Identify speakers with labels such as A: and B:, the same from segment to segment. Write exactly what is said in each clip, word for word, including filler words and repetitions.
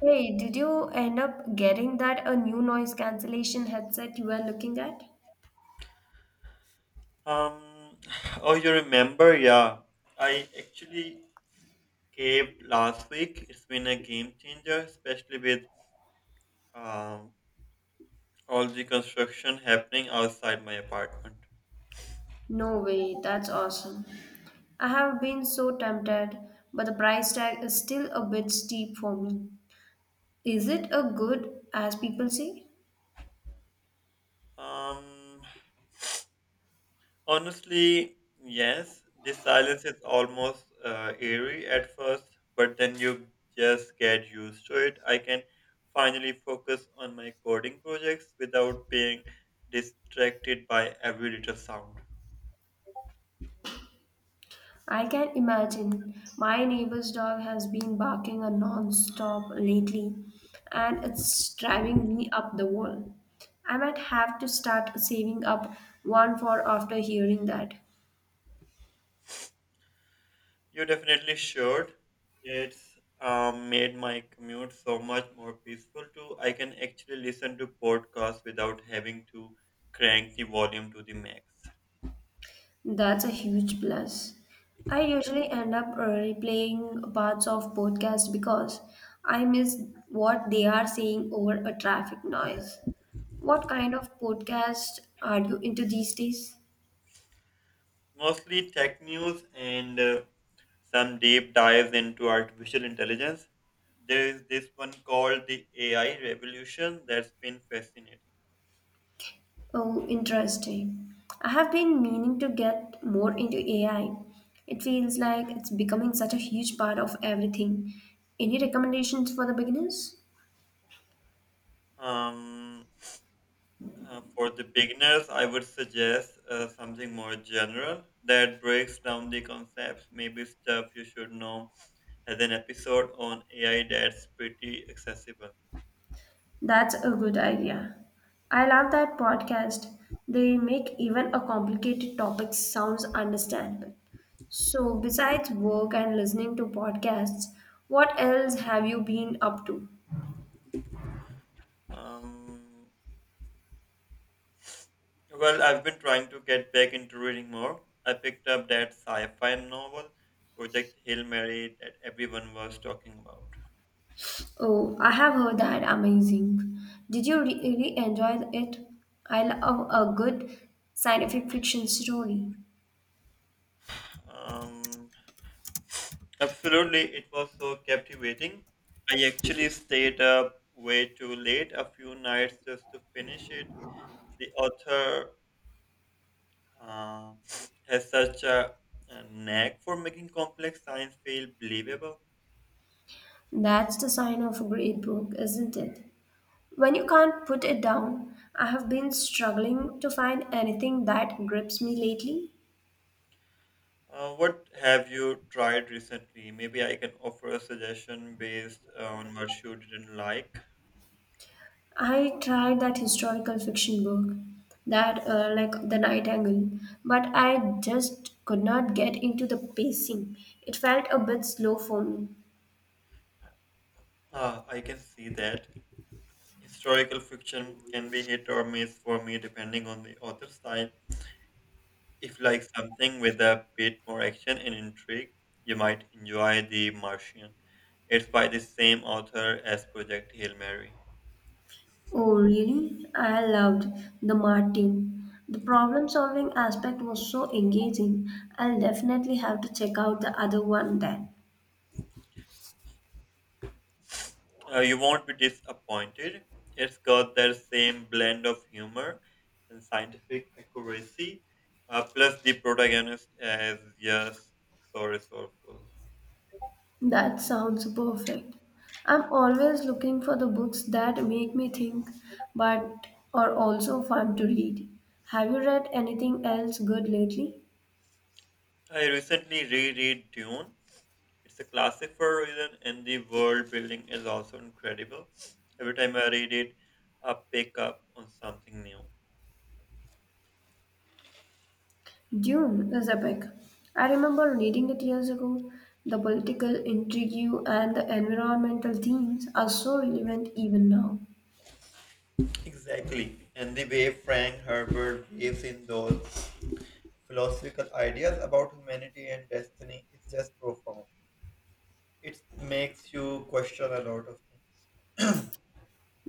A: Hey, did you end up getting that a new noise cancellation headset you were looking at?
B: Um, oh, you remember? Yeah, I actually caved last week. It's been a game changer, especially with um, all the construction happening outside my apartment.
A: No way, that's awesome. I have been so tempted, but the price tag is still a bit steep for me. Is it a good as people say?
B: Um, honestly, yes, the silence is almost uh, eerie at first, but then you just get used to it. I can finally focus on my coding projects without being distracted by every little sound.
A: I can imagine. My neighbor's dog has been barking a non-stop lately, and it's driving me up the wall. I might have to start saving up one for after hearing that.
B: You definitely should. It's um, made my commute so much more peaceful too. I can actually listen to podcasts without having to crank the volume to the max.
A: That's a huge plus. I usually end up uh, replaying parts of podcasts because I miss what they are saying over a traffic noise. What kind of podcast are you into these days?
B: Mostly tech news and uh, some deep dives into artificial intelligence. There is this one called the A I revolution that's been fascinating.
A: Oh, interesting. I have been meaning to get more into A I. It feels like it's becoming such a huge part of everything. Any recommendations for the beginners?
B: Um, Uh, for the beginners, I would suggest uh, something more general that breaks down the concepts, maybe stuff you should know, as an episode on A I that's pretty accessible.
A: That's a good idea. I love that podcast. They make even a complicated topic sounds understandable. So, besides work and listening to podcasts, what else have you been up to?
B: Um, well, I've been trying to get back into reading more. I picked up that sci fi novel, Project Hail Mary, that everyone was talking about.
A: Oh, I have heard that amazing. Did you really enjoy it? I love a good scientific fiction story.
B: Um, Absolutely, it was so captivating. I actually stayed up way too late a few nights just to finish it. The author uh, has such a, a knack for making complex science feel believable.
A: That's the sign of a great book, isn't it? When you can't put it down, I have been struggling to find anything that grips me lately.
B: Uh, what have you tried recently? Maybe I can offer a suggestion based on what you didn't like.
A: I tried that historical fiction book, that uh, like The Nightingale, but I just could not get into the pacing. It felt a bit slow for me.
B: Uh, I can see that historical fiction can be hit or miss for me depending on the author's style. If you like something with a bit more action and intrigue, you might enjoy The Martian. It's by the same author as Project Hail Mary.
A: Oh, really? I loved The Martin. The problem solving aspect was so engaging. I'll definitely have to check out the other one then.
B: Uh, you won't be disappointed. It's got that same blend of humor and scientific accuracy. Uh, plus, the protagonist is just so resourceful.
A: That sounds perfect. I'm always looking for the books that make me think but are also fun to read. Have you read anything else good lately?
B: I recently reread Dune. It's a classic for a reason, and the world building is also incredible. Every time I read it, I pick up on something new.
A: Dune is epic. I remember reading it years ago. The political intrigue and the environmental themes are so relevant even now.
B: Exactly. And the way Frank Herbert weaves in those philosophical ideas about humanity and destiny is just profound. It makes you question a lot of things.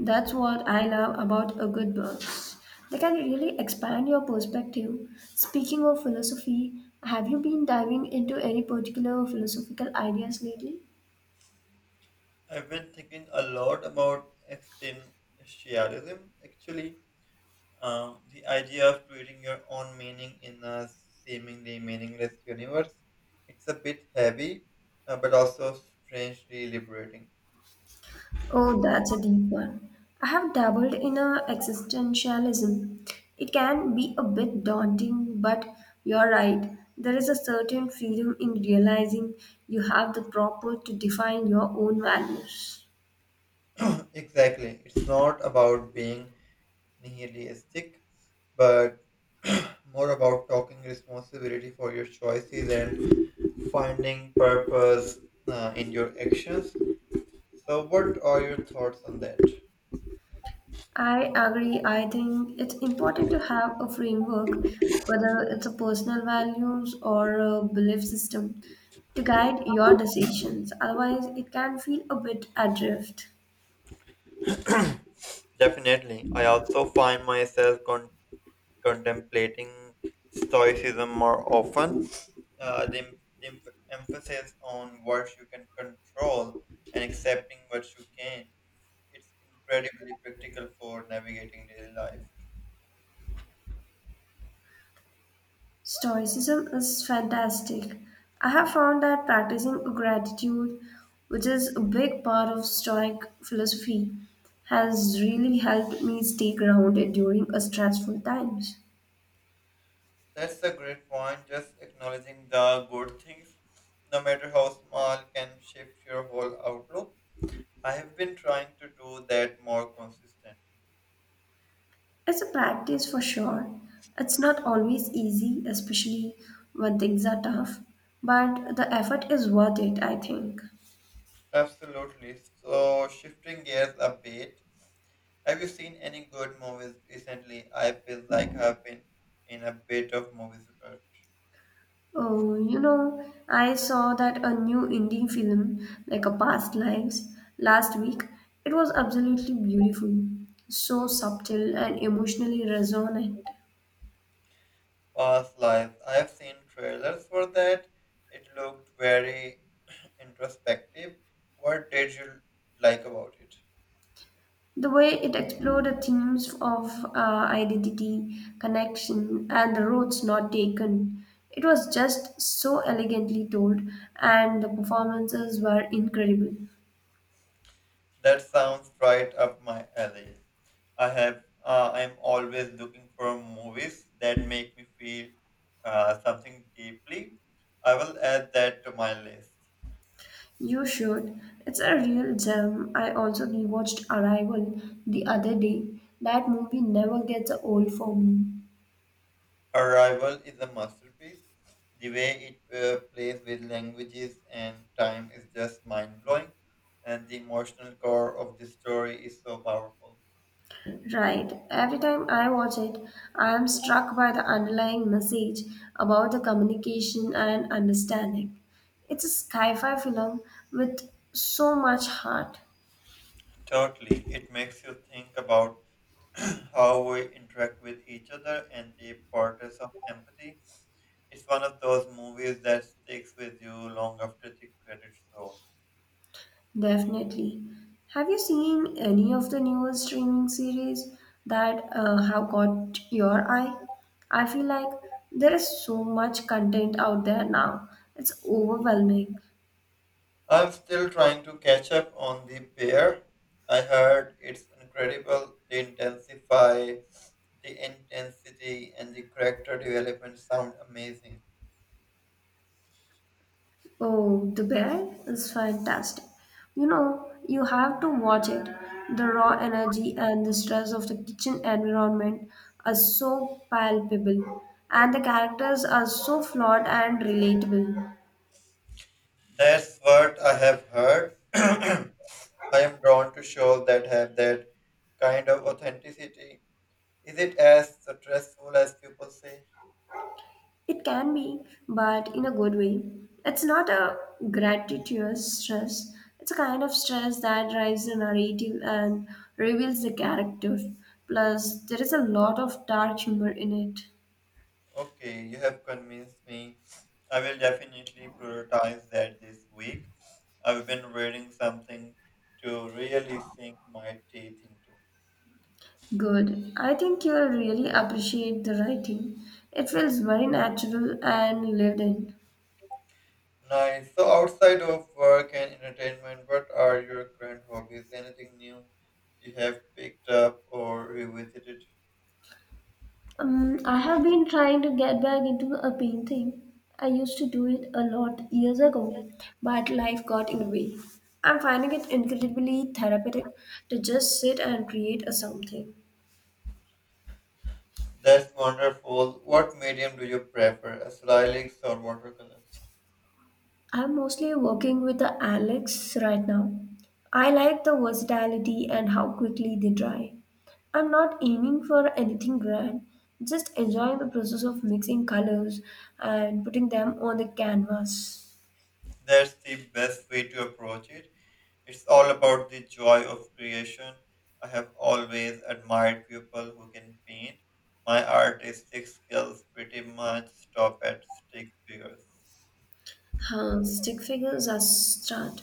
A: That's what I love about a good books. They can really expand your perspective. Speaking of philosophy, have you been diving into any particular philosophical ideas lately?
B: I've been thinking a lot about existentialism actually. Um, the idea of creating your own meaning in a seemingly meaningless universe, it's a bit heavy, uh, but also strangely liberating.
A: Oh, that's a deep one. I have dabbled in a existentialism. It can be a bit daunting, but you're right. There is a certain freedom in realizing you have the proper to define your own values.
B: Exactly. It's not about being nihilistic, but more about taking responsibility for your choices and finding purpose uh, in your actions. So, what are your thoughts on that?
A: I agree. I think it's important to have a framework, whether it's a personal values or a belief system, to guide your decisions. Otherwise, it can feel a bit adrift.
B: Definitely. I also find myself con contemplating stoicism more often. Uh, the, em- the em- emphasis on what you can control and accepting what you can. It's incredibly practical for navigating daily life.
A: Stoicism is fantastic. I have found that practicing gratitude, which is a big part of Stoic philosophy, has really helped me stay grounded during a stressful times.
B: That's a great point. Just acknowledging the good things, no matter how small, can shift your whole outlook. I have been trying to do that more consistently.
A: It's a practice for sure. It's not always easy, especially when things are tough, but the effort is worth it, I think.
B: Absolutely. So, shifting gears a bit, have you seen any good movies recently? I feel like I've been in a bit of movies rut.
A: Oh, you know, I saw that a new indie film, like a Past Lives, last week. It was absolutely beautiful, so subtle and emotionally resonant.
B: Past Lives. I have seen trailers for that. It looked very introspective. What did you like about it?
A: The way it explored the themes of uh, identity, connection, and the roads not taken. It was just so elegantly told, and the performances were incredible.
B: That sounds right up my alley. I have uh, I'm always looking for movies that make me feel uh, something deeply. I will add that to my list.
A: You should. It's a real gem. I also rewatched Arrival the other day. That movie never gets old for me.
B: Arrival is a masterpiece. The way it uh, plays with languages and time is just mind blowing, and the emotional core of the story is so powerful.
A: Right. Every time I watch it, I am struck by the underlying message about the communication and understanding. It's a sci-fi film with so much heart.
B: Totally, it makes you think about how we interact with each other and the importance of empathy. It's one of those movies that sticks with you long after the credits roll.
A: Definitely. Have you seen any of the newer streaming series that uh, have caught your eye? I feel like there is so much content out there now. It's overwhelming.
B: I'm still trying to catch up on The Bear. I heard it's incredible. They intensify, the intensity and the character development sound amazing.
A: Oh, the bear is fantastic. You know, you have to watch it. The raw energy and the stress of the kitchen environment are so palpable, and the characters are so flawed and relatable.
B: That's what I have heard. I am drawn to shows that have that kind of authenticity. Is it as stressful as people say?
A: It can be, but in a good way. It's not a gratuitous stress, it's a kind of stress that drives the narrative and reveals the character. Plus, there is a lot of dark humor in it.
B: Okay, you have convinced me. I will definitely prioritize that this week. I've been reading something to really sink my teeth into.
A: Good. I think you'll really appreciate the writing. It feels very natural and lived in.
B: Nice. So, outside of work and entertainment, what are your current hobbies? Anything new you have picked up or revisited?
A: Um, I have been trying to get back into a painting. I used to do it a lot years ago, but life got in the way. I'm finding it incredibly therapeutic to just sit and create a something.
B: That's wonderful. What medium do you prefer, acrylics or watercolors?
A: I'm mostly working with the Alex right now. I like the versatility and how quickly they dry. I'm not aiming for anything grand, just enjoying the process of mixing colors and putting them on the canvas.
B: That's the best way to approach it. It's all about the joy of creation. I have always admired people who can paint. My artistic skills pretty much stop at stick figures.
A: Huh, stick figures are start.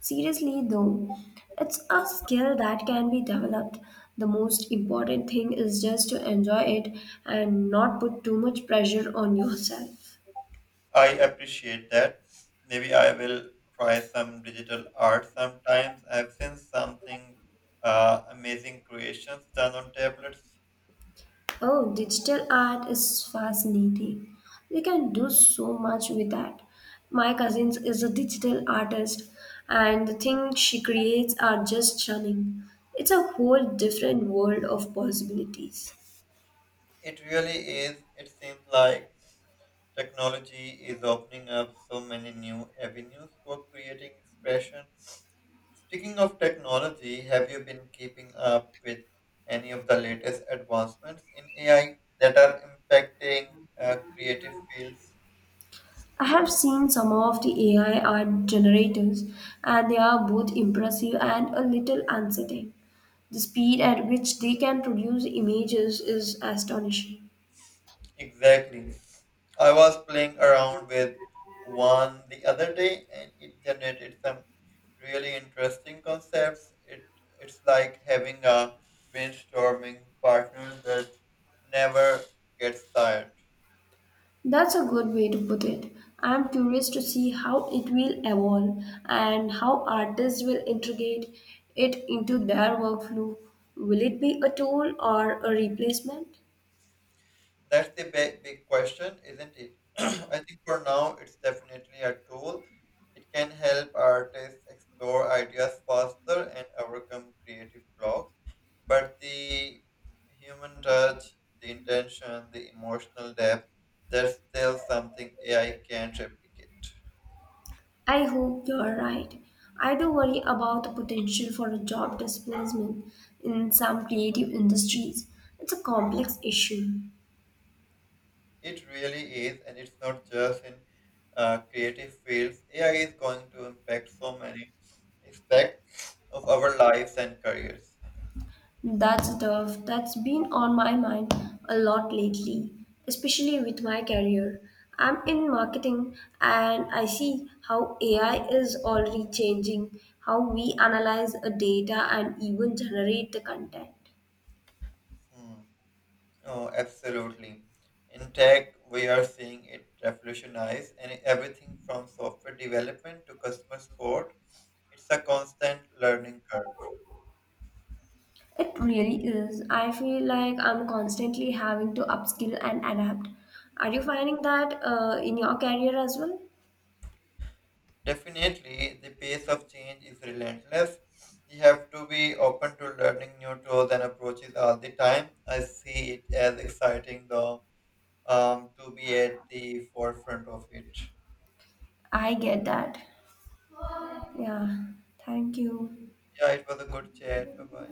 A: Seriously though, it's a skill that can be developed. The most important thing is just to enjoy it and not put too much pressure on yourself.
B: I appreciate that. Maybe I will try some digital art sometimes. I've seen something uh, amazing creations done on tablets.
A: Oh, digital art is fascinating. We can do so much with that. My cousin is a digital artist, and the things she creates are just stunning. It's a whole different world of possibilities.
B: It really is. It seems like technology is opening up so many new avenues for creating expression. Speaking of technology, have you been keeping up with any of the latest advancements in A I that are impacting uh, creative fields?
A: I have seen some of the A I art generators, and they are both impressive and a little unsettling. The speed at which they can produce images is astonishing.
B: Exactly. I was playing around with one the other day and it generated some really interesting concepts. It it's like having a brainstorming partner that never gets tired.
A: That's a good way to put it. I'm curious to see how it will evolve and how artists will integrate it into their workflow. Will it be a tool or a replacement?
B: That's the big, big question, isn't it? I think for now it's definitely a tool. It can help artists explore ideas faster and overcome creative blocks, but the human touch, the intention, the emotional depth, that's still something A I can't replicate.
A: I hope you're right. I do worry about the potential for a job displacement in some creative industries. It's a complex issue.
B: It really is, and it's not just in uh, creative fields. A I is going to impact so many aspects of our lives and careers.
A: That's tough. That's been on my mind a lot lately, especially with my career. I'm in marketing and I see how A I is already changing how we analyze a data and even generate the content.
B: Hmm. Oh, absolutely. In tech, we are seeing it revolutionize and everything from software development to customer support. It's a constant learning curve.
A: It really is. I feel like I'm constantly having to upskill and adapt. Are you finding that uh, in your career as well?
B: Definitely, the pace of change is relentless. You have to be open to learning new tools and approaches all the time. I see it as exciting, though, um, to be at the forefront of it.
A: I get that. Yeah. Thank you.
B: Yeah, it was a good chat. Bye bye.